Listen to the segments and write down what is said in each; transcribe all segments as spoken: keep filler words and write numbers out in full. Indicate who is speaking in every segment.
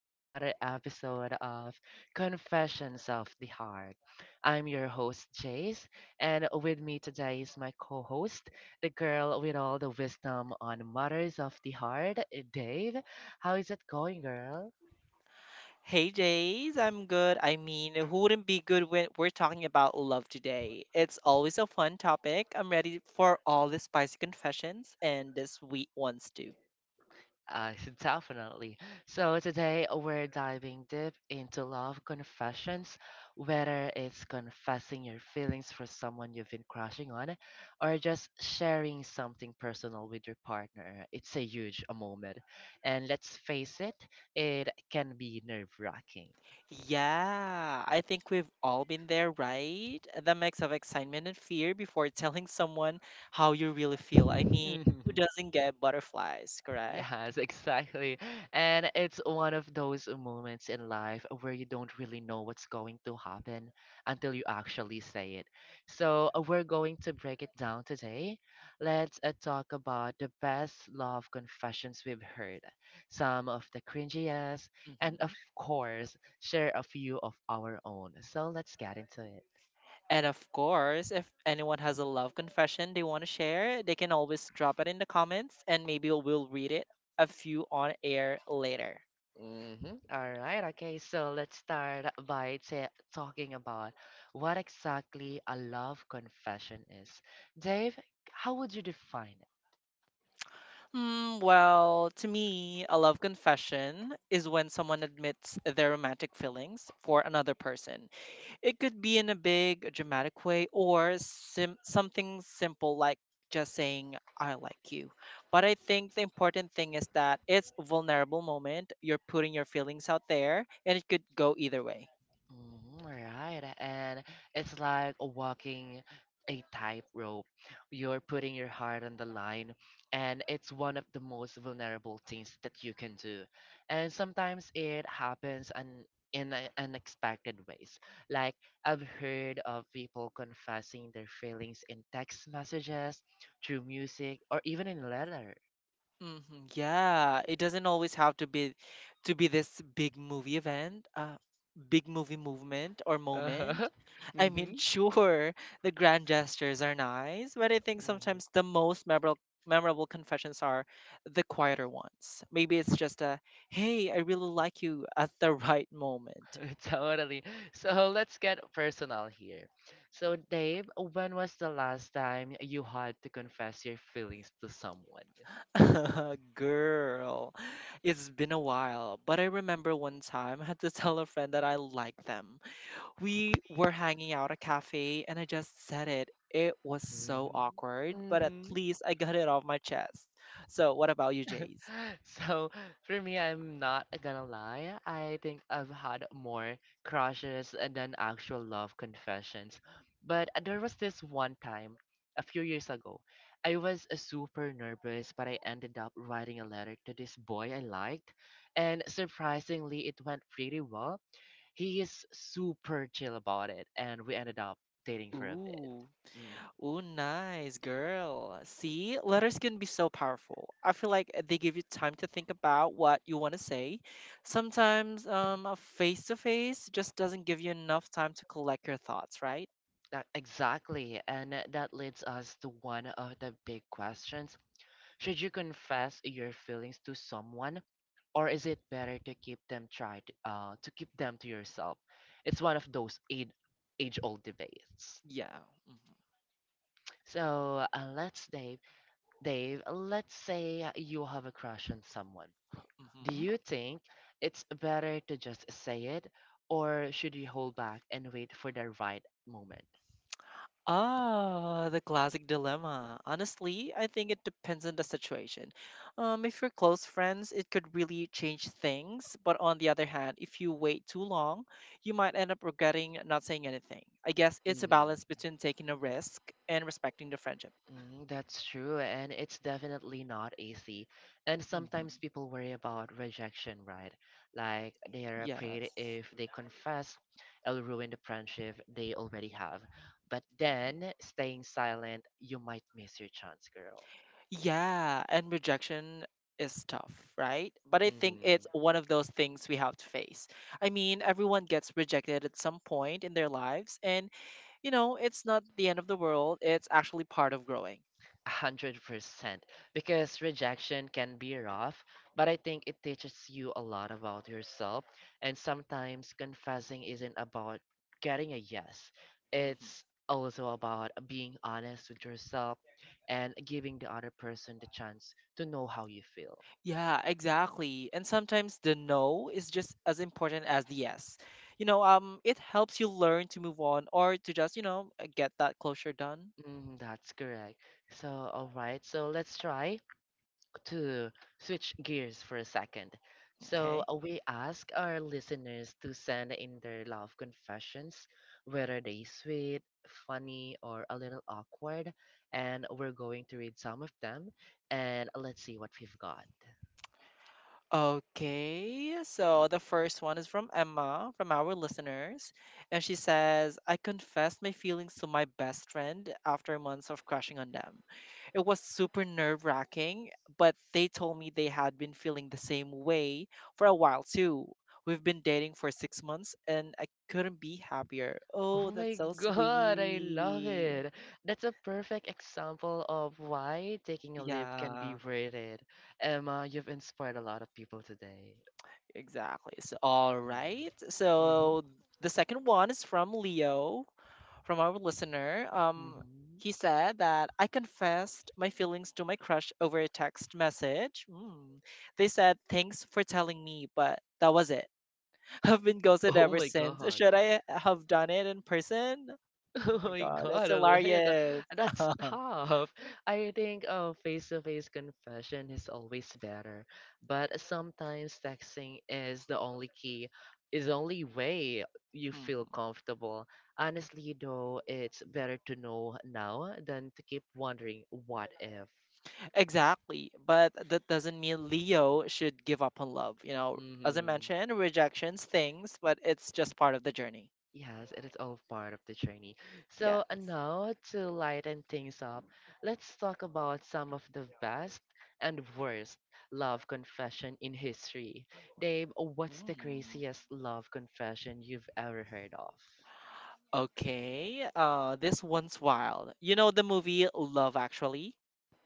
Speaker 1: to another episode of Confessions of the Heart. I'm your host, Jace, and with me today is my co host, the girl with all the wisdom on Matters of the Heart, Dave. How is it going, girl?
Speaker 2: Hey Jays, I'm good. I mean, who wouldn't be good when we're talking about love today? It's always a fun topic. I'm ready for all the spicy confessions and the sweet ones too.
Speaker 1: Uh, definitely. So today we're diving deep into love confessions, whether it's confessing your feelings for someone you've been crushing on, or just sharing something personal with your partner. It's a huge uh, moment, and let's face it, it can be nerve-wracking.
Speaker 2: Yeah, I think we've all been there, right? The mix of excitement and fear before telling someone how you really feel. I mean, who doesn't get butterflies, correct?
Speaker 1: Yes, exactly. And it's one of those moments in life where you don't really know what's going to happen until you actually say it. So, uh, we're going to break it down today. Let's uh, talk about the best love confessions we've heard, some of the cringiest, and of
Speaker 2: hmm
Speaker 1: course, share a few of our own. So, let's get into it.
Speaker 2: And of course, if anyone has a love confession they want to share, they can always drop it in the comments and maybe we'll read it a few on air later.
Speaker 1: Mm-hmm. All right. Okay. So let's start by ta talking about what exactly a love confession is. Dave, how would you define it?
Speaker 2: Hmm, well, to me, a love confession is when someone admits their romantic feelings for another person. It could be in a big, a dramatic way or sim- something simple like just saying, "I like you." But I think the important thing is that it's a vulnerable moment. You're putting your feelings out there and it could go either way.
Speaker 1: Mm, right. And it's like walking a tightrope. You're putting your heart on the line, and it's one of the most vulnerable things that you can do. And sometimes it happens and in a- unexpected ways. Like I've heard of people confessing their feelings in text messages, through music, or even in letter.
Speaker 2: Mhm. Yeah, it doesn't always have to be to be this big movie event, uh, big movie movement or
Speaker 1: Uh-huh.
Speaker 2: moment. I mean, sure, the grand gestures are nice, but I think
Speaker 1: Mm-hmm.
Speaker 2: sometimes the most memorable memorable confessions are the quieter ones. Maybe it's just a, "Hey, I really like you" at the right moment.
Speaker 1: Totally. So let's get personal here. So, Dave, when was the last time you had to confess your feelings to someone?
Speaker 2: Girl, it's been a while, but I remember one time I had to tell a friend that I liked them. We were hanging out at a cafe and I just said it. It was so awkward, but at
Speaker 1: Mm-hmm.
Speaker 2: least I got it off my chest. So, what about you, Jays?
Speaker 1: So, for me, I'm not gonna lie. I think I've had more crushes than actual love confessions. But there was this one time a few years ago. I was uh, super nervous, but I ended up writing a letter to this boy I liked, and surprisingly, it went pretty well. He is super chill about it, and we ended up dating for a bit.
Speaker 2: Ooh,
Speaker 1: Mm,
Speaker 2: ooh, nice girl. See, letters can be so powerful. I feel like eh, they give you time to think about what you want to say. Sometimes, um, a face to face just doesn't give you enough time to collect your thoughts, right?
Speaker 1: that, exactly, and that leads us to one of the big questions. Should you confess your feelings to someone, or is it better to keep them tried uh, to keep them to yourself? It's one of those age age old debates.
Speaker 2: Yeah.
Speaker 1: So uh, let's Dave, Dave, let's say you have a crush on someone. Do
Speaker 2: Hmm.
Speaker 1: you think it's better to just say it, or should you hold back and wait for the right moment?
Speaker 2: Ah, the classic dilemma. Honestly, I think it depends on the situation. Um, if you're close friends, it could really change things. But on the other hand, if you wait too long, you might end up regretting not saying anything. I guess it's a
Speaker 1: Hmm.
Speaker 2: balance between taking a risk and respecting the friendship.
Speaker 1: Mm, that's true, and it's definitely not easy. And
Speaker 2: Hmm.
Speaker 1: sometimes people worry about rejection, right? Like they are afraid
Speaker 2: Yes.
Speaker 1: if they confess, it'll ruin the friendship they already have. But
Speaker 2: Hmm.
Speaker 1: then staying silent, you might miss your chance, girl.
Speaker 2: Yeah, and rejection is tough, right? But I think it's
Speaker 1: Hmm.
Speaker 2: one of those things we have to face. I mean, everyone gets rejected at some point in their lives, and you know, it's not the end of the world, it's actually part of growing.
Speaker 1: one hundred percent because rejection can be rough, but I think it teaches you a lot about yourself. And sometimes confessing isn't about getting a yes,
Speaker 2: Mhm.
Speaker 1: it's also about being honest with yourself and giving the other person the chance to know how you feel.
Speaker 2: Yeah, exactly. And sometimes the no is just as important as the yes. You know, um, it helps you learn to move on or to just, you know, uh, get that closure done.
Speaker 1: Mm, that's correct. So, all right, so let's try. To switch gears for a second. So
Speaker 2: Okay.
Speaker 1: uh, we ask our listeners to send in their love confessions, whether they sweet, funny, or a little awkward, and we're going to read some of them and let's see what we've got.
Speaker 2: Okay, so the first one is from Emma, from our listeners, and she says, "I confessed my feelings to my best friend after months of crushing on them. It was super nerve wracking, but they told me they had been feeling the same way for a while too. We've been dating for six months and I couldn't be happier." Oh,
Speaker 1: Oh my
Speaker 2: that's so
Speaker 1: god, I love
Speaker 2: sweet.
Speaker 1: it. That's a perfect example of why taking a leap can be
Speaker 2: Yeah,
Speaker 1: worth it. Emma, you've inspired a lot of people today.
Speaker 2: exactly. So, all
Speaker 1: Mm-hmm.
Speaker 2: right. So, the second one is from Leo. From our listener. Um,
Speaker 1: Mm-hmm.
Speaker 2: he said that, "I confessed my feelings to my crush over a text message." Mm. "They said, 'Thanks for telling me,' but that was it. I've been ghosted
Speaker 1: Oh
Speaker 2: ever
Speaker 1: my
Speaker 2: since.
Speaker 1: god.
Speaker 2: Should I have done it in person?"
Speaker 1: Oh
Speaker 2: Oh my
Speaker 1: my
Speaker 2: God, that's
Speaker 1: god, Alea,
Speaker 2: hilarious.
Speaker 1: that's tough. I think uh, face-to-face confession is always better, but sometimes texting is the only key, is the only way you feel
Speaker 2: Mhm.
Speaker 1: comfortable. Honestly, though, it's better to know now than to keep wondering what if.
Speaker 2: Exactly. But that doesn't mean Leo should give up on love. You know, as I
Speaker 1: Hmm.
Speaker 2: mentioned, rejections, things, but it's just part of the journey.
Speaker 1: Yes, it is all part of the journey. So, and
Speaker 2: Yes.
Speaker 1: now to lighten things up, let's talk about some of the best and worst love confession in history. Dave, what's the
Speaker 2: Mm.
Speaker 1: craziest love confession you've ever heard of?
Speaker 2: Okay, uh, this one's wild. You know the movie Love Actually?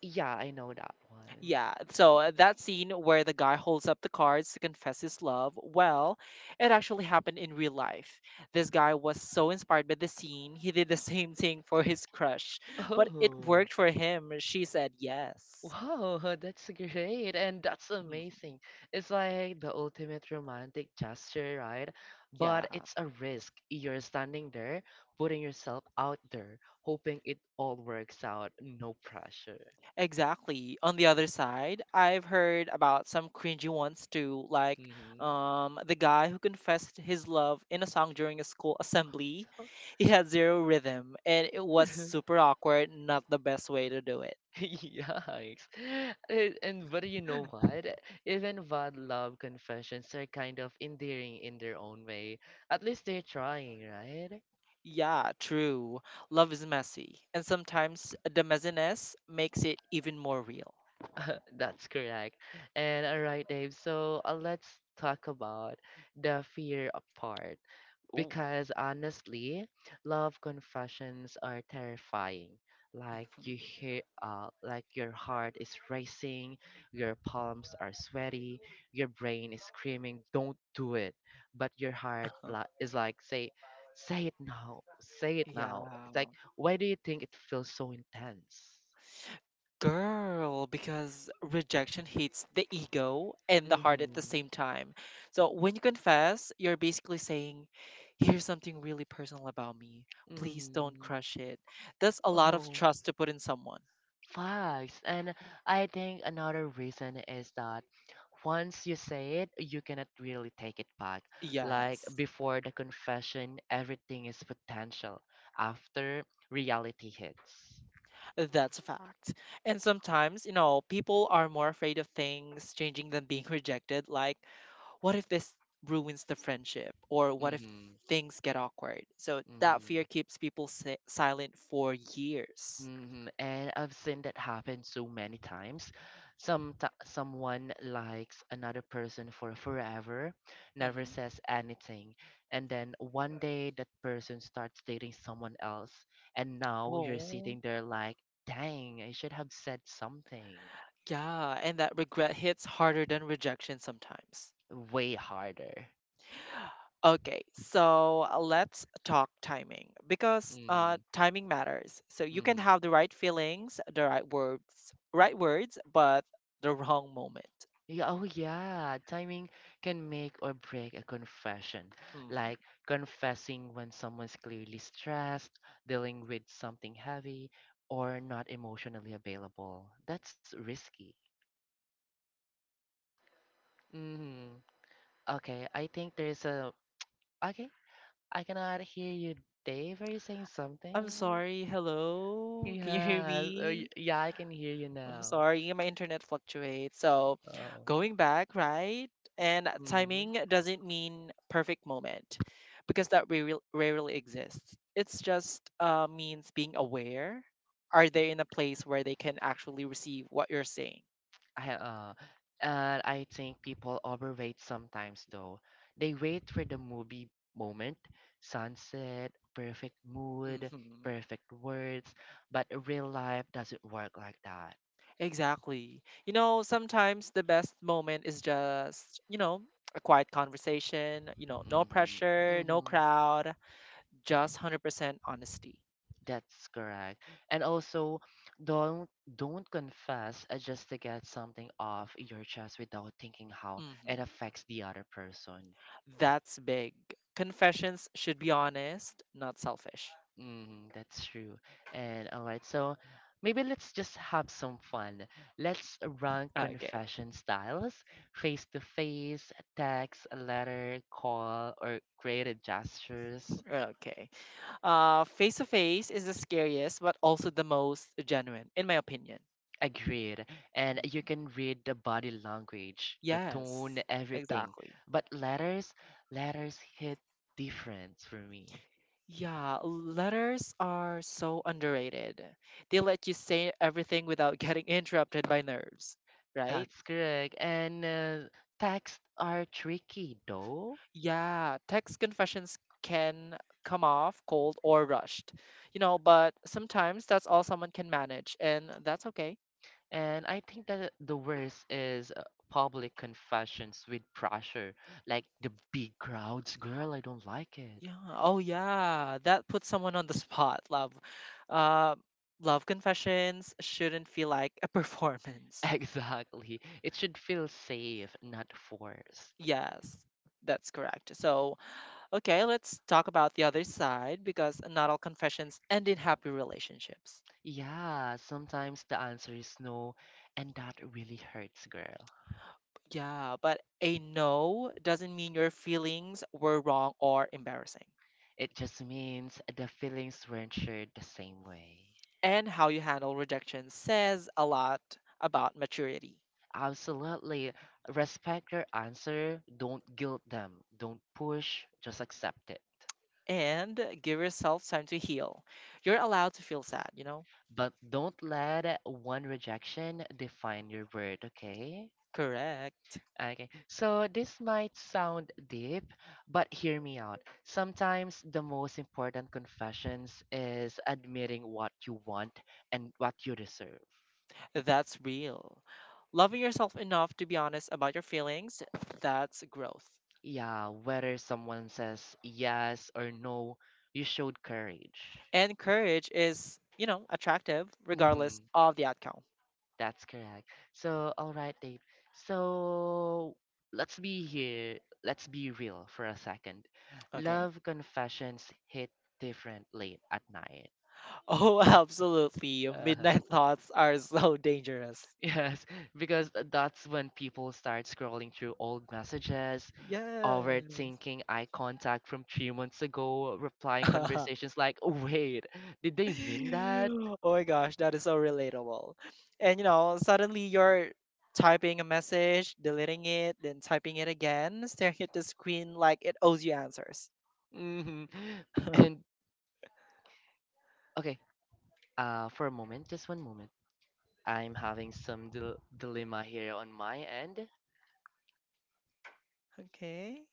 Speaker 1: Yeah, I know that one.
Speaker 2: Yeah, so uh, that scene where the guy holds up the cards to confess his love, well, it actually happened in real life. This guy was so inspired by the scene, he did the same thing for his crush, but it
Speaker 1: Oh.
Speaker 2: worked for him. She said yes.
Speaker 1: Wow, that's great and that's
Speaker 2: Mhm.
Speaker 1: amazing. It's like the ultimate romantic gesture, right? But
Speaker 2: Yeah.
Speaker 1: it's a risk. You're standing there, putting yourself out there, hoping it all works out. No pressure.
Speaker 2: Exactly. On the other side, I've heard about some cringy ones too, like
Speaker 1: Hmm.
Speaker 2: um, the guy who confessed his love in a song during a school assembly.
Speaker 1: So,
Speaker 2: He had zero rhythm, and it was super awkward, not the best way to do it.
Speaker 1: yikes. And, and but you know what? Even bad love confessions are kind of endearing in their own way. At least they're trying, right?
Speaker 2: Yeah, true. Love is messy, and sometimes the messiness makes it even more real.
Speaker 1: That's correct. And all right, Dave. So uh, let's talk about the fear part
Speaker 2: Ooh.
Speaker 1: because honestly, love confessions are terrifying. Like you hear, uh, like your heart is racing, your palms are sweaty, your brain is screaming, "Don't do it," but your heart li- is like, "Say, say it now, say it now." It's like,
Speaker 2: Yeah.
Speaker 1: why do you think it feels so intense?
Speaker 2: Girl, because rejection hits the ego and the heart at the
Speaker 1: Mm-hmm.
Speaker 2: same time. So when you confess, you're basically saying, "Here's something really personal about me. Please don't
Speaker 1: Mm-hmm.
Speaker 2: crush it." That's a lot of
Speaker 1: Oh,
Speaker 2: trust to put in someone.
Speaker 1: facts. And I think another reason is that once you say it, you cannot really take it back. Like
Speaker 2: Yes,
Speaker 1: before the confession, everything is potential. After reality hits.
Speaker 2: that's a fact. And sometimes, you know, people are more afraid of things changing than being rejected. Like, what if this ruins the friendship? Or what if
Speaker 1: Mm-hmm.
Speaker 2: things get awkward? So that
Speaker 1: Mm-hmm.
Speaker 2: fear keeps people si- silent for years.
Speaker 1: Mhm, and I've seen that happen so many times. Some Someone likes another person for forever, never
Speaker 2: Mhm.
Speaker 1: says anything, and then one day that person starts dating someone else, and now you're
Speaker 2: Oh,
Speaker 1: sitting there like, "Dang, I should have said something
Speaker 2: yeah. And that regret hits harder than rejection sometimes.
Speaker 1: way harder."
Speaker 2: Okay, so uh, let's talk timing because uh,
Speaker 1: Mm-hmm.
Speaker 2: timing matters. So you can
Speaker 1: Mm-hmm.
Speaker 2: have the right feelings, the right words, right words, but the wrong moment.
Speaker 1: Yeah, oh yeah, timing can make or break a confession.
Speaker 2: Mhm.
Speaker 1: Like confessing when someone's clearly stressed, dealing with something heavy, or not emotionally available. That's risky. Hmm. Okay, I think there's a. Okay, I cannot hear you, Dave. Are you saying
Speaker 2: I'm
Speaker 1: something?
Speaker 2: sorry. Hello, can you hear
Speaker 1: Yes. Or, y-
Speaker 2: me?
Speaker 1: yeah, I can hear you
Speaker 2: I'm
Speaker 1: now.
Speaker 2: sorry, my internet fluctuates. So,
Speaker 1: Um,
Speaker 2: going back, right? And
Speaker 1: hmm.
Speaker 2: timing doesn't mean perfect moment because that rarely, rarely exists. It's just uh, means being aware. Are they in a place where they can actually receive what you're saying?
Speaker 1: I, ha- uh, and I think people overwait sometimes though. They wait for the movie moment, sunset, perfect mood,
Speaker 2: Hmm.
Speaker 1: perfect words, but real life doesn't work like that.
Speaker 2: Exactly. You know, sometimes the best moment is just, you know, a quiet conversation, you know, no
Speaker 1: Mm-hmm.
Speaker 2: pressure, no
Speaker 1: Mm-hmm.
Speaker 2: crowd, just one hundred percent honesty.
Speaker 1: That's correct. And also, don't don't confess uh, just to get something off your chest without thinking how it
Speaker 2: Hmm.
Speaker 1: affects the other person.
Speaker 2: That's big. Confessions should be honest, not selfish.
Speaker 1: Mm, that's true. And all right, so maybe let's just have some fun. Let's rank
Speaker 2: Okay,
Speaker 1: confession styles, face to face, text, letter, call, or creative gestures.
Speaker 2: okay. Uh, face to face is the scariest, but also the most genuine, in my opinion.
Speaker 1: Agreed. And you
Speaker 2: Mhm.
Speaker 1: can read the body language, the
Speaker 2: Yes,
Speaker 1: tone, everything.
Speaker 2: exactly.
Speaker 1: But letters, letters hit different for me.
Speaker 2: Yeah, letters are so underrated. They let you say everything without getting interrupted by nerves, right?
Speaker 1: That's correct. And uh, texts are tricky though.
Speaker 2: Yeah, text confessions can come off cold or rushed, you know, but sometimes that's all someone can manage, and that's okay.
Speaker 1: And I think that the worst is uh, public confessions with pressure, like the big crowds. Girl, I don't like it.
Speaker 2: Yeah. Oh, yeah. That puts someone on the spot. Love, uh, love confessions shouldn't feel like a performance.
Speaker 1: Exactly. It should feel safe, not forced.
Speaker 2: Yes, that's correct. So, okay, let's talk about the other side because not all confessions end in happy relationships.
Speaker 1: Yeah, sometimes the answer is no, and that really hurts, girl.
Speaker 2: Yeah, but a no doesn't mean your feelings were wrong or embarrassing.
Speaker 1: It just means the feelings weren't shared the same way.
Speaker 2: And how you handle rejection says a lot about maturity.
Speaker 1: Absolutely. Respect your answer. Don't guilt them. Don't push. Just accept it.
Speaker 2: And give yourself time to heal. You're allowed to feel sad, you know?
Speaker 1: But don't let one rejection define your word, okay?
Speaker 2: Correct.
Speaker 1: Okay, so this might sound deep, but hear me out. Sometimes the most important confessions is admitting what you want and what you deserve.
Speaker 2: That's real. Loving yourself enough to be honest about your feelings, that's growth.
Speaker 1: Yeah, whether someone says yes or no, you showed courage.
Speaker 2: And courage is, you know, attractive regardless
Speaker 1: Hmm.
Speaker 2: of the outcome.
Speaker 1: That's correct. So, all right, Dave. So, let's be here. Let's be real for a second.
Speaker 2: Okay.
Speaker 1: Love confessions hit different late at night.
Speaker 2: Oh, absolutely.
Speaker 1: Uh-huh.
Speaker 2: Midnight thoughts are so dangerous.
Speaker 1: Yes, because that's when people start scrolling through old messages,
Speaker 2: Yes.
Speaker 1: overthinking eye contact from three months ago, replying
Speaker 2: Oh
Speaker 1: conversations like, "Wait, did they mean that?"
Speaker 2: my gosh, that is so relatable. And you know, suddenly you're typing a message, deleting it, then typing it again, staring at the screen like it owes you answers.
Speaker 1: Hmm. And okay, uh, for a moment, just one moment. I'm having some dil dilemma here on my end.
Speaker 2: Okay,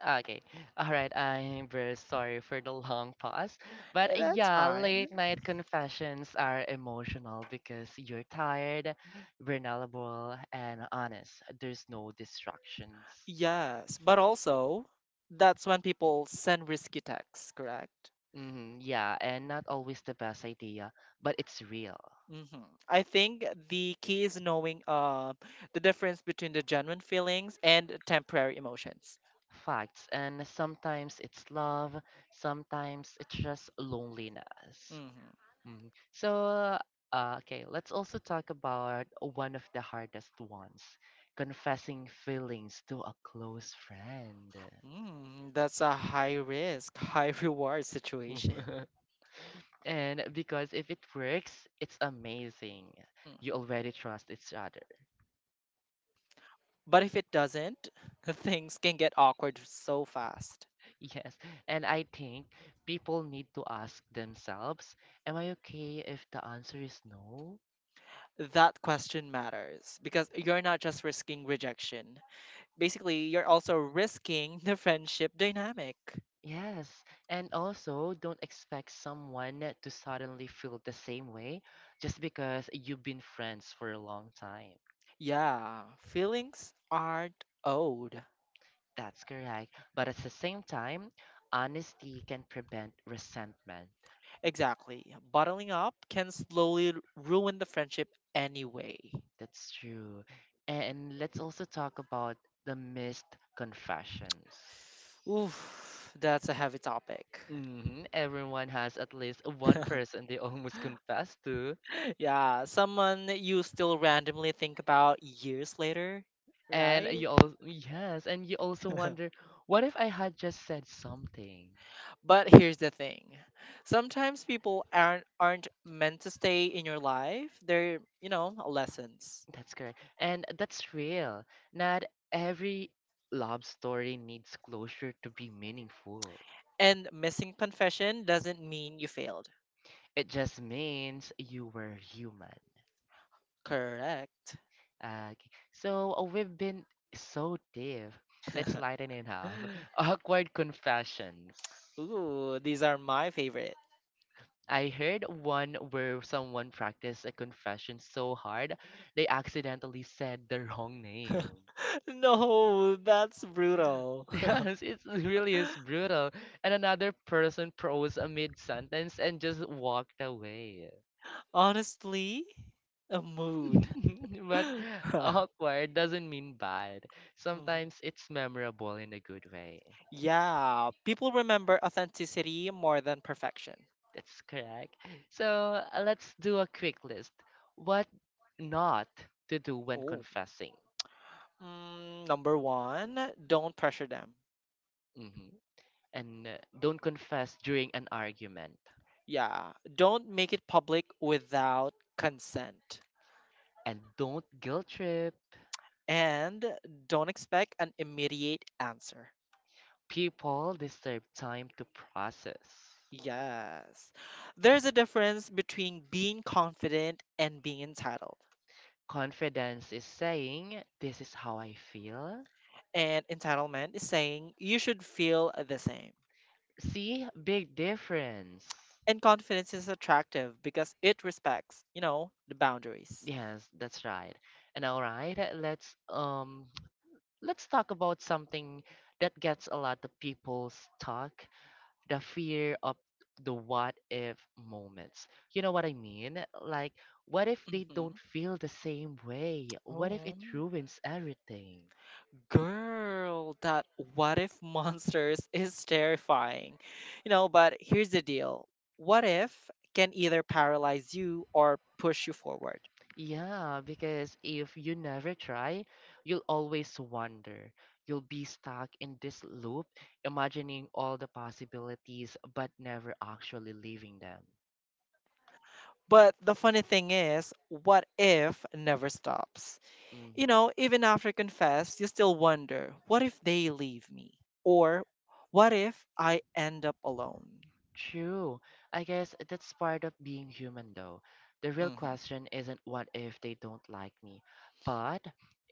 Speaker 1: Ah, okay, all right. I'm very sorry for the long pause, but
Speaker 2: that's
Speaker 1: yeah,
Speaker 2: fine.
Speaker 1: late night confessions are emotional because you're tired, vulnerable, and honest. There's no distractions.
Speaker 2: Yes, but also that's when people send risky texts, correct?
Speaker 1: Hmm, yeah, and not always the best idea, but it's real.
Speaker 2: Hmm. I think the key is knowing uh, the difference between the genuine feelings and temporary emotions.
Speaker 1: Facts, and sometimes it's love, sometimes it's just loneliness.
Speaker 2: Hmm.
Speaker 1: Mhm. So, uh, okay, let's also talk about one of the hardest ones, confessing feelings to a close friend.
Speaker 2: Mm, that's a high risk, high reward situation.
Speaker 1: And because if it works, it's amazing. You
Speaker 2: Mhm.
Speaker 1: already trust each other.
Speaker 2: But if it doesn't, things can get awkward so fast.
Speaker 1: Yes. And I think people need to ask themselves, am I okay if the answer is no?
Speaker 2: That question matters because you're not just risking rejection, basically you're also risking the friendship dynamic.
Speaker 1: Yes, and also don't expect someone to suddenly feel the same way just because you've been friends for a long time.
Speaker 2: Yeah, feelings aren't owed.
Speaker 1: That's correct. But at the same time, honesty can prevent resentment.
Speaker 2: Exactly. Bottling up can slowly r- ruin the friendship anyway.
Speaker 1: That's true. And let's also talk about the missed confessions.
Speaker 2: Oof, that's a heavy topic.
Speaker 1: Hmm. Everyone has at least one person they almost confess to.
Speaker 2: Yeah, someone you still randomly think about years later,
Speaker 1: And
Speaker 2: right?
Speaker 1: you also yes, and you also wonder, what if I had just said something?
Speaker 2: But here's the thing. Sometimes people aren't aren't meant to stay in your life. They're, you know, lessons.
Speaker 1: That's correct. And that's real. Not every love story needs closure to be meaningful.
Speaker 2: And missing confession doesn't mean you failed.
Speaker 1: It just means you were human.
Speaker 2: Correct.
Speaker 1: Ah, okay. So uh, we've been so deep. Let's lighten it up. Awkward confessions.
Speaker 2: Ooh, these are my favorite.
Speaker 1: I heard one where someone practiced a confession so hard they accidentally said the wrong name.
Speaker 2: No, that's brutal.
Speaker 1: Yes, it really is brutal. And another person froze amid sentence and just walked away.
Speaker 2: Honestly, a mood.
Speaker 1: But awkward doesn't mean bad.
Speaker 2: Mhm.
Speaker 1: Sometimes it's memorable in a good way.
Speaker 2: Yeah, people remember authenticity more than perfection.
Speaker 1: That's correct. So uh, let's do a quick list. What not to do when
Speaker 2: Oh.
Speaker 1: confessing.
Speaker 2: Mm, number one, don't pressure them.
Speaker 1: Hmm. And uh, don't confess during an argument.
Speaker 2: Yeah, don't make it public without consent.
Speaker 1: And don't guilt trip.
Speaker 2: And don't expect an immediate answer.
Speaker 1: People deserve time to process.
Speaker 2: Yes. There's a difference between being confident and being entitled.
Speaker 1: Confidence is saying, this is how I feel.
Speaker 2: And entitlement is saying you should feel the same.
Speaker 1: See, big difference.
Speaker 2: And confidence is attractive because it respects, you know, the boundaries.
Speaker 1: Yes, that's right. And all right, uh, let's um let's talk about something that gets a lot of people stuck, the fear of the what if moments. You know what I mean? Like, what if they
Speaker 2: Hmm.
Speaker 1: don't feel the same way? What if it
Speaker 2: Oh,
Speaker 1: ruins everything?
Speaker 2: girl, that what if monsters is terrifying. You know, but here's the deal, what if can either paralyze you or push you forward?
Speaker 1: Yeah, because if you never try, you'll always wonder. You'll be stuck in this loop, imagining all the possibilities but never actually living them.
Speaker 2: But the funny thing is, what if never stops? You
Speaker 1: hmm
Speaker 2: know, even after confess, you still wonder, what if they leave me? Or what if I end up alone?
Speaker 1: True. I guess that's part of being human, though. The real
Speaker 2: Mhm.
Speaker 1: question isn't what if they don't like me, but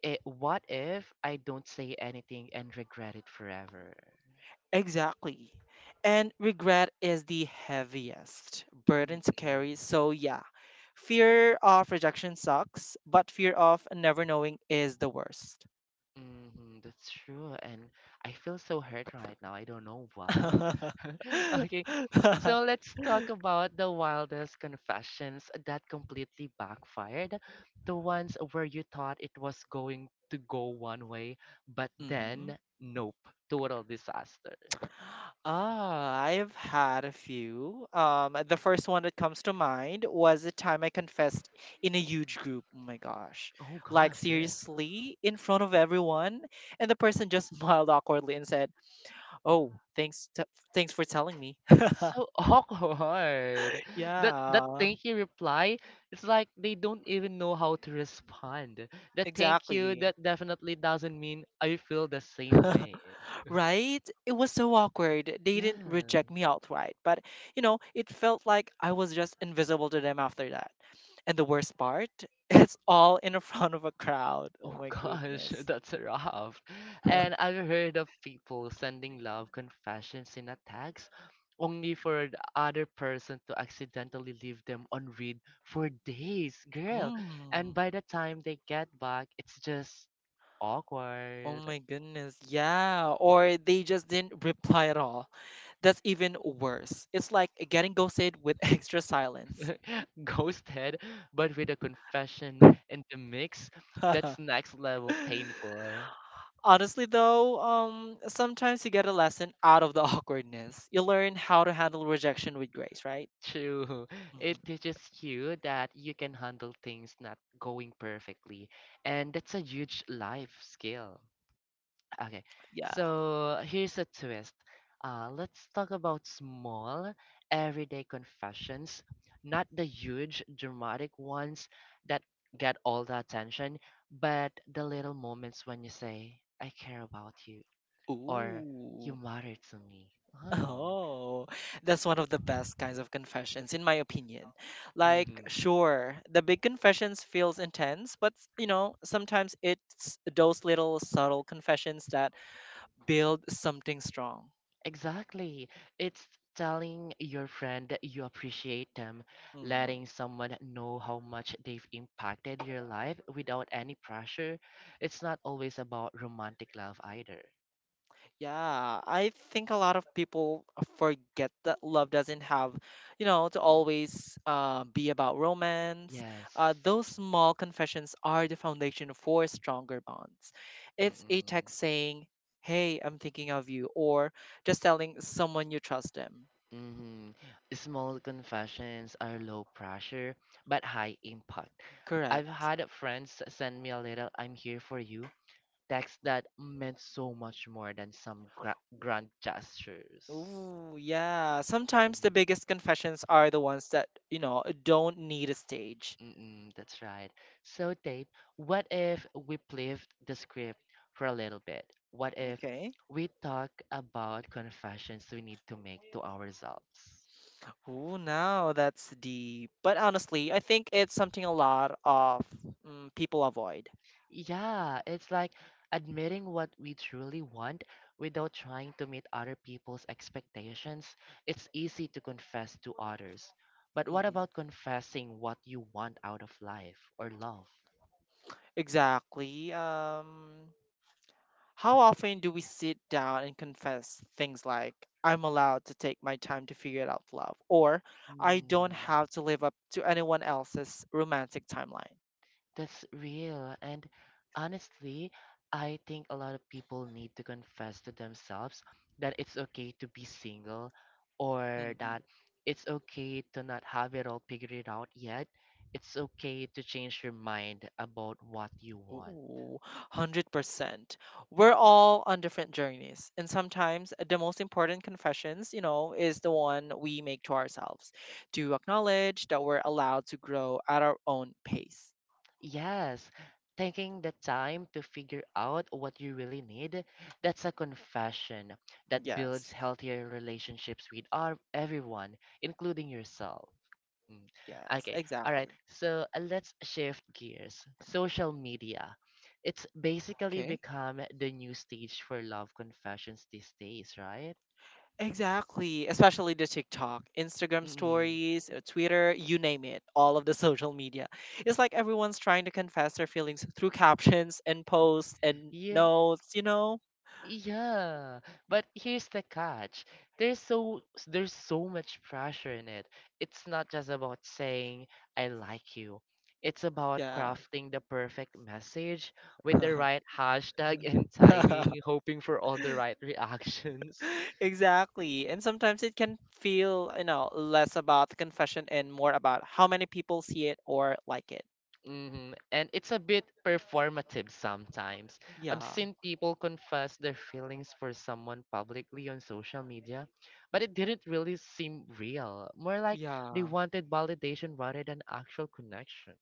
Speaker 1: it, what if I don't say anything and regret it forever?
Speaker 2: Exactly. And regret is the heaviest burden to
Speaker 1: Mm-mm.
Speaker 2: carry. So, yeah, fear of rejection sucks, but fear of never knowing is the worst.
Speaker 1: Hmm that's true. And I feel so hurt right now. I don't know why. Okay, so let's talk about the wildest confessions that completely backfired. The ones where you thought it was going to go one way, but
Speaker 2: Mhm.
Speaker 1: then, nope, total disaster.
Speaker 2: Ah, I've had a few. Um, the first one that comes to mind was the time I confessed in a huge group. Oh my gosh.
Speaker 1: Oh
Speaker 2: Like,
Speaker 1: gosh, girl.
Speaker 2: seriously, in front of everyone, and the person just smiled awkwardly and said, "Oh, thanks t thanks for telling me."
Speaker 1: That's so awkward. That that
Speaker 2: Yeah,
Speaker 1: thank you reply, it's like they don't even know how to respond. That thank you,
Speaker 2: exactly.
Speaker 1: that definitely doesn't mean I feel the same way.
Speaker 2: Right? It was so awkward. They didn't
Speaker 1: Yeah.
Speaker 2: reject me outright, but you know, it felt like I was just invisible to them after that. And the worst part, it's all in front of a crowd. Oh
Speaker 1: Oh
Speaker 2: my
Speaker 1: gosh,
Speaker 2: goodness.
Speaker 1: that's rough. And I've heard of people sending love confessions in a text only for the other person to accidentally leave them on read for days, girl. And
Speaker 2: Mm.
Speaker 1: by the time they get back, it's just
Speaker 2: Oh
Speaker 1: awkward.
Speaker 2: my goodness. Yeah. Or they just didn't reply at all. That's even worse. It's like getting ghosted with extra silence.
Speaker 1: Ghosted, but with a confession in the mix, that's next level painful.
Speaker 2: Honestly, though, um, sometimes you get a lesson out of the awkwardness. You learn how to handle rejection with grace, right?
Speaker 1: True. It
Speaker 2: Mhm.
Speaker 1: teaches you that you can handle things not going perfectly, and that's a huge life skill. Okay,
Speaker 2: Yeah.
Speaker 1: so here's a twist. Uh, let's talk about small, everyday confessions, not the huge, dramatic ones that get all the attention, but the little moments when you say, I care about you, or you
Speaker 2: Ooh.
Speaker 1: matter to me. Oh.
Speaker 2: Oh, that's one of the best kinds of confessions, in my opinion. Like,
Speaker 1: Mm-hmm.
Speaker 2: sure, the big confessions feels intense, but you know, sometimes it's those little subtle confessions that build something strong.
Speaker 1: Exactly. It's telling your friend that you appreciate them,
Speaker 2: Mm-hmm.
Speaker 1: letting someone know how much they've impacted your life without any pressure. It's not always about romantic love either.
Speaker 2: Yeah, I think a lot of people forget that love doesn't have, you know, to always uh, be about romance.
Speaker 1: Yes.
Speaker 2: Uh, those small confessions are the foundation for stronger bonds. It's a
Speaker 1: Mm-mm.
Speaker 2: text saying, "Hey, I'm thinking of you," or just telling someone you trust them.
Speaker 1: Mm-hmm. Small confessions are low pressure but high impact. I've
Speaker 2: Correct.
Speaker 1: had friends send me a little "I'm here for you" text that meant so much more than some gra- grand gestures.
Speaker 2: Ooh, yeah. Sometimes the
Speaker 1: Mm-hmm.
Speaker 2: biggest confessions are the ones that, you know, don't need a stage.
Speaker 1: Mm-mm, that's right. So, Dave, what if we flipped the script for a little bit? What if
Speaker 2: Okay.
Speaker 1: we talk about confessions we need to make to ourselves?
Speaker 2: Ooh, now that's deep. But honestly, I think it's something a lot of mm, people avoid.
Speaker 1: Yeah, it's like admitting what we truly want without trying to meet other people's expectations. It's easy to confess to others. But what
Speaker 2: hmm
Speaker 1: about confessing what you want out of life or love?
Speaker 2: Exactly. Um, how often do we sit down and confess things like, I'm allowed to take my time to figure it out love, or I don't
Speaker 1: Mm.
Speaker 2: have to live up to anyone else's romantic timeline?
Speaker 1: That's real. And honestly, I think a lot of people need to confess to themselves that it's okay to be single or that it's okay to not have it all figured it out yet. It's okay to change your mind about what you want.
Speaker 2: Ooh, one hundred percent. We're all on different journeys. And sometimes the most important confessions, you know, is the one we make to ourselves to acknowledge that we're allowed to grow at our own pace.
Speaker 1: Yes, taking the time to figure out what you really need, that's a confession that builds
Speaker 2: Yes,
Speaker 1: healthier relationships with our, everyone, including yourself. Mm.
Speaker 2: yes,
Speaker 1: Okay, all right.
Speaker 2: exactly.
Speaker 1: So uh, let's shift gears. Social media. It's basically
Speaker 2: Okay.
Speaker 1: become the new stage for love confessions these days, right?
Speaker 2: Exactly. Especially the TikTok, Instagram
Speaker 1: Mm-mm.
Speaker 2: stories, uh, Twitter, you name it, all of the social media. It's like everyone's trying to confess their feelings through captions and posts and
Speaker 1: Yeah,
Speaker 2: notes, you know?
Speaker 1: yeah. But here's the catch. There's so there's so much pressure in it. It's not just about saying I like you. It's about
Speaker 2: Yeah.
Speaker 1: crafting the perfect message with the right hashtag and timing, hoping for all the right reactions.
Speaker 2: exactly. And sometimes it can feel, you know, less about the confession and more about how many people see it or like it.
Speaker 1: hmm And it's a bit performative sometimes. I've
Speaker 2: Yeah.
Speaker 1: seen people confess their feelings for someone publicly on social media, but it didn't really seem real. More like they
Speaker 2: Yeah.
Speaker 1: wanted validation rather than actual connection.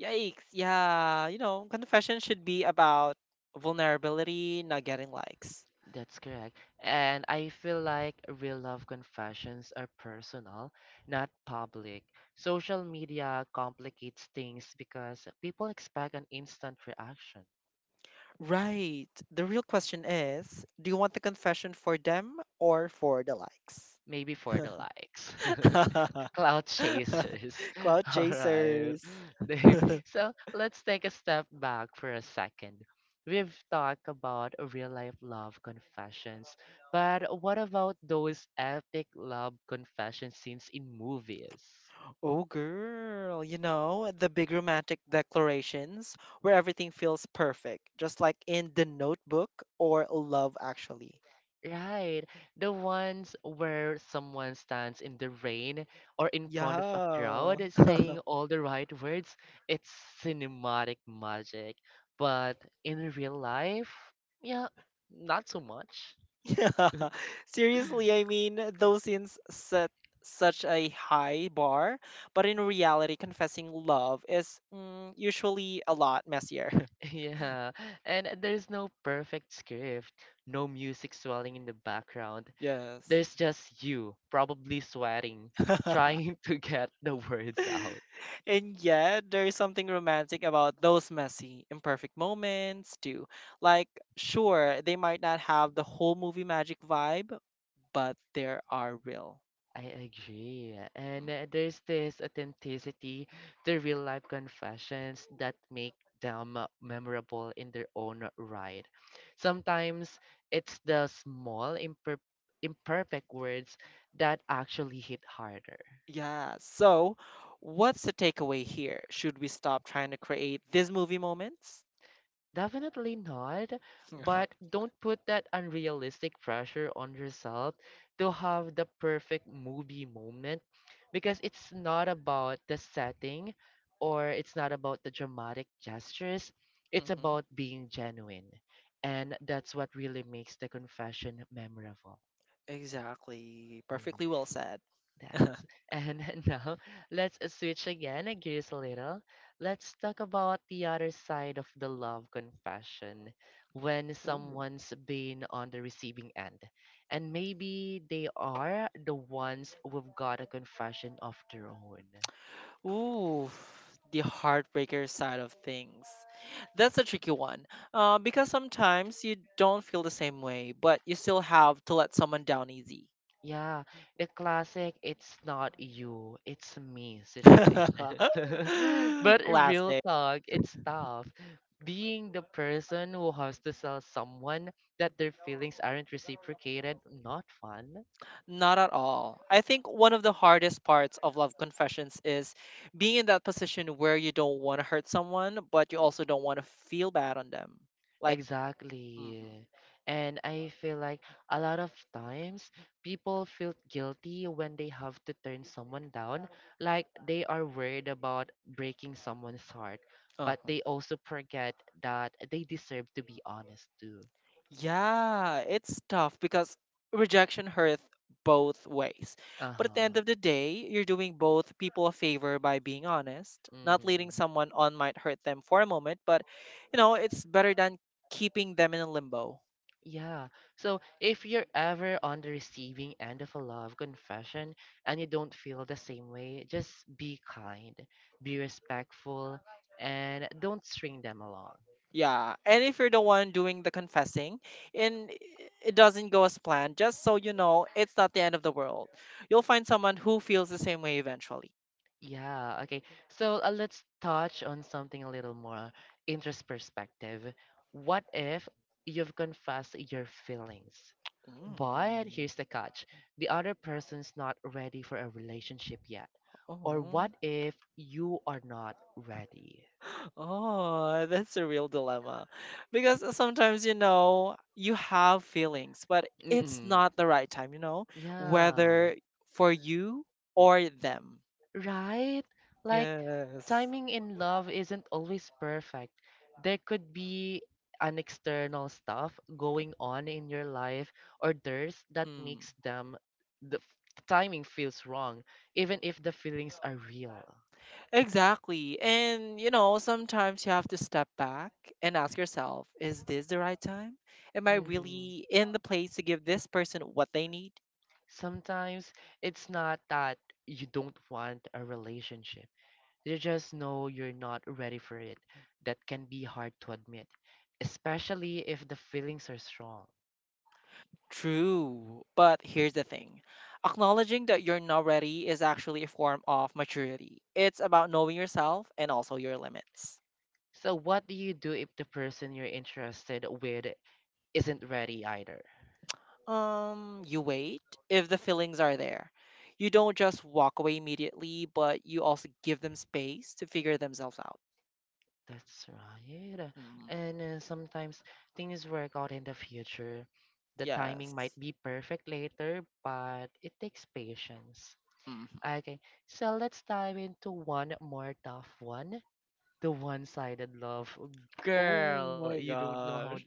Speaker 2: Yikes. Yeah. You know, confession should be about vulnerability, not getting likes.
Speaker 1: That's correct. And I feel like real love confessions are personal, not public. Social media complicates things because people expect an instant reaction,
Speaker 2: Right. The real question is do you want the confession for them or for the likes?
Speaker 1: maybe for the likes. Cloud chasers.
Speaker 2: Cloud
Speaker 1: All right,
Speaker 2: chasers.
Speaker 1: Dave. So let's take a step back for a second. We've talked about real life love confessions, but what about those epic love confession scenes in movies?
Speaker 2: Oh, girl, you know, the big romantic declarations where everything feels perfect, just like in The Notebook or Love Actually.
Speaker 1: Right. The ones where someone stands in the rain or in front of a
Speaker 2: Yeah.
Speaker 1: crowd saying all the right words, it's cinematic magic. But in real life, yeah, not so much.
Speaker 2: Yeah. Seriously, I mean, those scenes set such a high bar, but in reality, confessing love is mm, usually a lot messier.
Speaker 1: Yeah, and there's no perfect script, no music swelling in the background.
Speaker 2: Yes.
Speaker 1: There's just you, probably sweating, trying to get the words out.
Speaker 2: And yet, there is something romantic about those messy, imperfect moments, too. Like, sure, they might not have the whole movie magic vibe, but there are real.
Speaker 1: I agree.
Speaker 2: Mm.
Speaker 1: And uh, there's this authenticity to real life confessions that make them uh, memorable in their own right. Sometimes it's the small, imper- imperfect words that actually hit harder.
Speaker 2: Yeah, so what's the takeaway here? Should we stop trying to create these movie moments?
Speaker 1: Definitely not, but don't put that unrealistic pressure on yourself to have the perfect movie moment because it's not about the setting or it's not about the dramatic gestures. It's
Speaker 2: hmm
Speaker 1: about being genuine. And that's what really makes the confession memorable.
Speaker 2: Exactly.
Speaker 1: Hmm.
Speaker 2: Perfectly well said.
Speaker 1: That's And now let's switch again uh, gears a little. Let's talk about the other side of the love confession when someone's been on the receiving end. And maybe they are the ones who've got a confession of their own.
Speaker 2: Ooh, the heartbreaker side of things. That's a tricky one. Uh, because sometimes you don't feel the same way, but you still have to let someone down easy.
Speaker 1: Yeah, the classic "it's not you, it's me"
Speaker 2: Classic.
Speaker 1: situation. But in real talk, it's tough. Being the person who has to tell someone that their feelings aren't reciprocated, not fun.
Speaker 2: Not at all. I think one of the hardest parts of love confessions is being in that position where you don't want to hurt someone, but you also don't want to feel bad on them. Like,
Speaker 1: Exactly. And I feel like a lot of times people feel guilty when they have to turn someone down, like they are worried about breaking someone's heart,
Speaker 2: uh
Speaker 1: but
Speaker 2: huh.
Speaker 1: they also forget that they deserve to be honest too.
Speaker 2: Yeah, it's tough because rejection hurts both ways. But at the
Speaker 1: Uh-huh.
Speaker 2: end of the day, you're doing both people a favor by being honest. Not
Speaker 1: Mm-hmm.
Speaker 2: leading someone on might hurt them for a moment, but you know, it's better than keeping them in a limbo.
Speaker 1: Yeah. So if you're ever on the receiving end of a love confession and you don't feel the same way, just be kind, be respectful, and don't string them along.
Speaker 2: Yeah, and if you're the one doing the confessing and i- it doesn't go as planned, just so you know, it's not the end of the world. You'll find someone who feels the same way eventually.
Speaker 1: Yeah, okay. So uh, let's touch on something a little more interest perspective. What if you've confessed your feelings? But
Speaker 2: Mm.
Speaker 1: here's the catch the other person's not ready for a relationship yet. Or
Speaker 2: Oh.
Speaker 1: what if you are not ready?
Speaker 2: Oh, that's a real dilemma. Because sometimes, you know, you have feelings, but it's
Speaker 1: Mm-mm.
Speaker 2: not the right time, you know,
Speaker 1: Yeah.
Speaker 2: whether for you or them.
Speaker 1: Right? Like,
Speaker 2: Yes.
Speaker 1: timing in love isn't always perfect. There could be an external stuff going on in your life or there's that
Speaker 2: Mm.
Speaker 1: makes them the f- timing feels wrong, even if the feelings are real.
Speaker 2: Exactly. And, you know, sometimes you have to step back and ask yourself, is this the right time? Am I
Speaker 1: hmm
Speaker 2: really in the place to give this person what they need?
Speaker 1: Sometimes it's not that you don't want a relationship, you just know you're not ready for it. That can be hard to admit, especially if the feelings are strong.
Speaker 2: True. But here's the thing acknowledging that you're not ready is actually a form of maturity. It's about knowing yourself and also your limits.
Speaker 1: So what do you do if the person you're interested with isn't ready either?
Speaker 2: Um, you wait if the feelings are there. You don't just walk away immediately, but you also give them space to figure themselves out.
Speaker 1: That's right.
Speaker 2: Mm,
Speaker 1: And uh, sometimes things work out in the future. The timing might
Speaker 2: yes.
Speaker 1: be perfect later, but it takes patience.
Speaker 2: Mhm.
Speaker 1: Okay, so let's dive into one more tough one. The one-sided love.
Speaker 2: Oh
Speaker 1: Girl,
Speaker 2: my
Speaker 1: you don't know how
Speaker 2: gosh.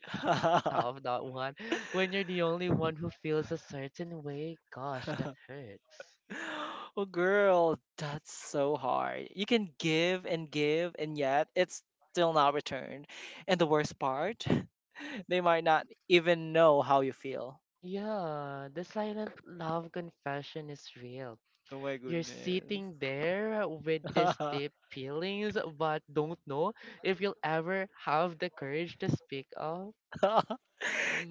Speaker 1: tough that one. When you're the only one who feels a certain way, gosh, that hurts.
Speaker 2: Oh, girl, that's so hard. You can give and give, and yet it's still not returned. And the worst part, they might not even know how you feel.
Speaker 1: Yeah, the silent love confession is real.
Speaker 2: Oh my
Speaker 1: You're
Speaker 2: goodness.
Speaker 1: sitting there with these deep feelings, but don't know if you'll ever have the courage to speak up.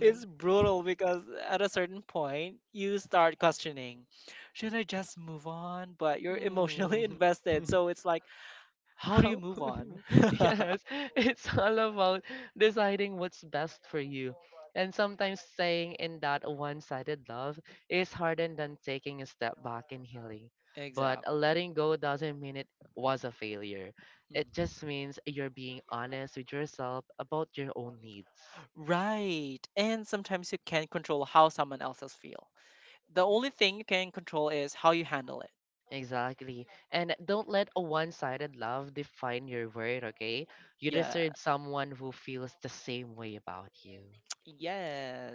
Speaker 2: It's brutal because at a certain point, you start questioning, should I just move on? But you're emotionally
Speaker 1: Hmm.
Speaker 2: invested, so it's like, how do you
Speaker 1: How,
Speaker 2: move on?
Speaker 1: yes, it's all about deciding what's best for you. And sometimes staying in that one sided love is harder than taking a step back and healing. But
Speaker 2: Exactly.
Speaker 1: letting go doesn't mean it was a failure, it
Speaker 2: Mhm.
Speaker 1: just means you're being honest with yourself about your own needs.
Speaker 2: Right. And sometimes you can't control how someone else's feel. The only thing you can control is how you handle it.
Speaker 1: Exactly. And don't let a one sided love define your worth, okay? You
Speaker 2: Yeah.
Speaker 1: deserve someone who feels the same way about you.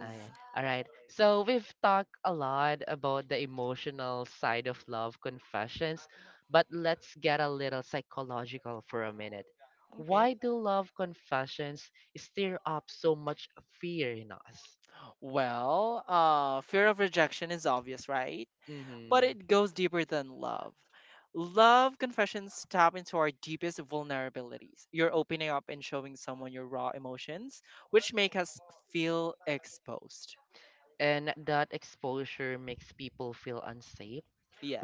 Speaker 1: Ah, yeah. All right. So we've talked a lot about the emotional side of love confessions, but let's get a little psychological for a minute.
Speaker 2: Okay.
Speaker 1: Why do love confessions stir up so much fear in us?
Speaker 2: Well, uh, fear of rejection is obvious, right? But
Speaker 1: Mm-hmm.
Speaker 2: it goes deeper than love. Love confessions tap into our deepest vulnerabilities. You're opening up and showing someone your raw emotions, which make us feel exposed.
Speaker 1: And that exposure makes people feel unsafe.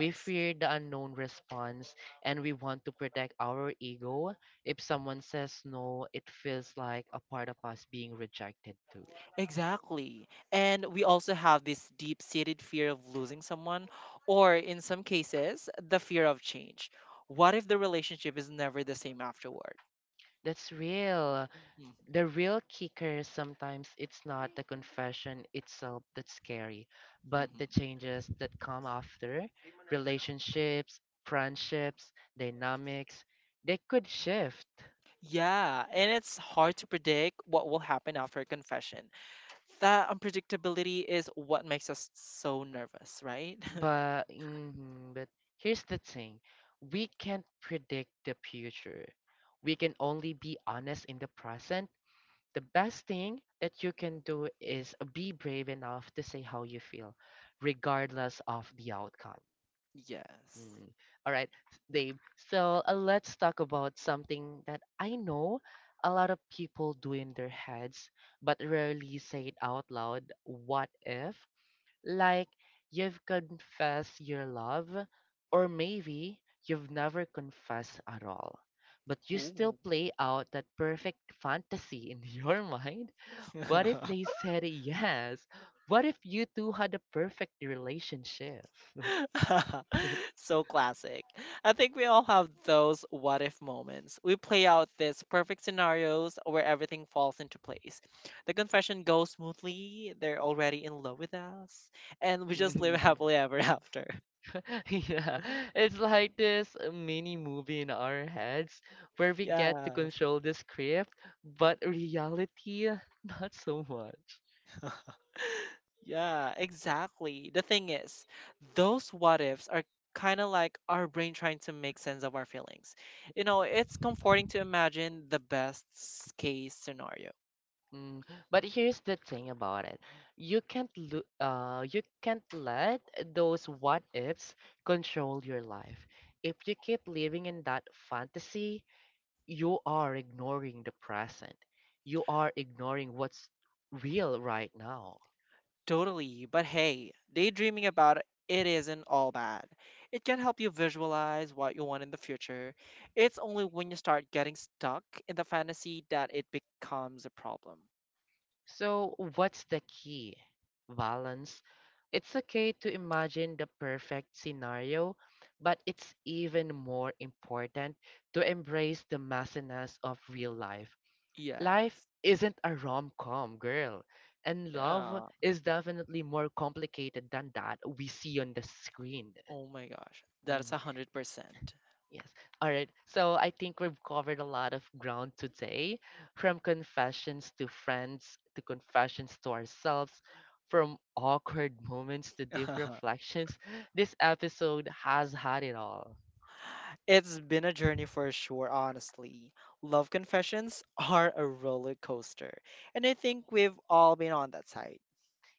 Speaker 1: We fear the unknown response and we want to protect our ego. If someone says no, it feels like a part of us being rejected too.
Speaker 2: Exactly. And we also have this deep seated fear of losing someone, or in some cases, the fear of change. What if the relationship is never the same afterward?
Speaker 1: That's real.
Speaker 2: hmm
Speaker 1: The real kicker sometimes it's not the confession itself that's scary, but
Speaker 2: hmm
Speaker 1: the changes that come after. Relationships, friendships, dynamics, they could shift.
Speaker 2: Yeah, and it's hard to predict what will happen after a confession. That unpredictability is what makes us so nervous, right?
Speaker 1: But mhm, but here's the thing. We can't predict the future. We can only be honest in the present. The best thing that you can do is be brave enough to say how you feel, regardless of the outcome.
Speaker 2: yes.
Speaker 1: Mm. All right, Dave. So uh, let's talk about something that I know a lot of people do in their heads, but rarely say it out loud. What if? Like, you've confessed your love, or maybe you've never confessed at all, but you still
Speaker 2: Ooh.
Speaker 1: play out that perfect fantasy in your mind. What if they said yes? What if you two had a perfect relationship?
Speaker 2: so classic. I think we all have those what if moments. We play out these perfect scenarios where everything falls into place. The confession goes smoothly, they're already in love with us, and we just live happily ever after.
Speaker 1: Yeah, it's like this mini movie in our heads where we get to
Speaker 2: Yeah.
Speaker 1: control the script, but reality, not so much.
Speaker 2: yeah, exactly. The thing is, those what ifs are kind of like our brain trying to make sense of our feelings. You know, it's comforting to imagine the best s- case scenario.
Speaker 1: Mm. But here's the thing about it. You can't lo uh you can't let those what ifs control your life. If you keep living in that fantasy, you are ignoring the present. You are ignoring what's real right now.
Speaker 2: Totally, but hey, daydreaming about it isn't all bad. It can help you visualize what you want in the future. It's only when you start getting stuck in the fantasy that it becomes a problem.
Speaker 1: So, what's the key? Balance. It's okay to imagine the perfect scenario, but it's even more important to embrace the messiness of real life. Life
Speaker 2: Yes.
Speaker 1: isn't a rom com, girl. And love
Speaker 2: Yeah.
Speaker 1: is definitely more complicated than that we see on the screen.
Speaker 2: Oh my gosh. That's
Speaker 1: Mm.
Speaker 2: a hundred percent.
Speaker 1: Yes. All right. So I think we've covered a lot of ground today from confessions to friends, to confessions to ourselves, from awkward moments to deep reflections. This episode has had it all.
Speaker 2: It's been a journey for sure, honestly. Love confessions are a roller coaster, and I think we've all been on that side,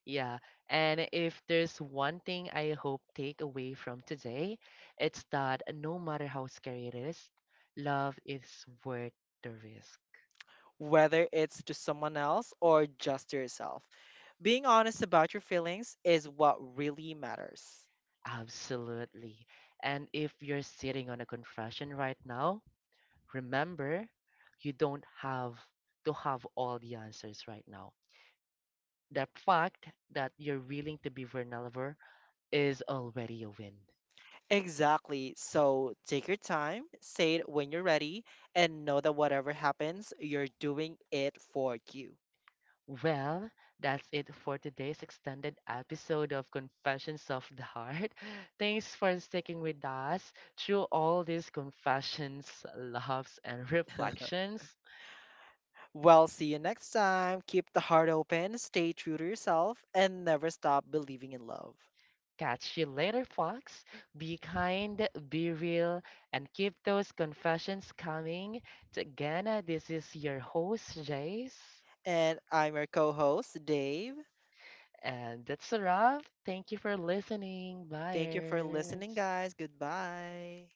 Speaker 1: Yeah. And if there's one thing I hope take away from today, it's that no matter how scary it is, love is worth the risk.
Speaker 2: whether it's to someone else or just to yourself. Being honest about your feelings is what really matters.
Speaker 1: Absolutely. And if you're sitting on a confession right now, remember, you don't have to have all the answers right now. The fact that you're willing to be vulnerable is already a win.
Speaker 2: Exactly. So take your time, say it when you're ready, and know that whatever happens, you're doing it for you.
Speaker 1: Well, that's it for today's extended episode of Confessions of the Heart. Thanks for sticking with us through all these confessions, loves, and reflections.
Speaker 2: Well, see you next time. Keep the heart open, stay true to yourself, and never stop believing in love.
Speaker 1: Catch you later, Fox. Be kind, be real, and keep those confessions coming. So again, uh, this is your host, Jace.
Speaker 2: And I'm your co host, Dave.
Speaker 1: And that's a wrap. Thank you for listening,
Speaker 2: Thank you for listening,
Speaker 1: buyers.
Speaker 2: guys. Goodbye.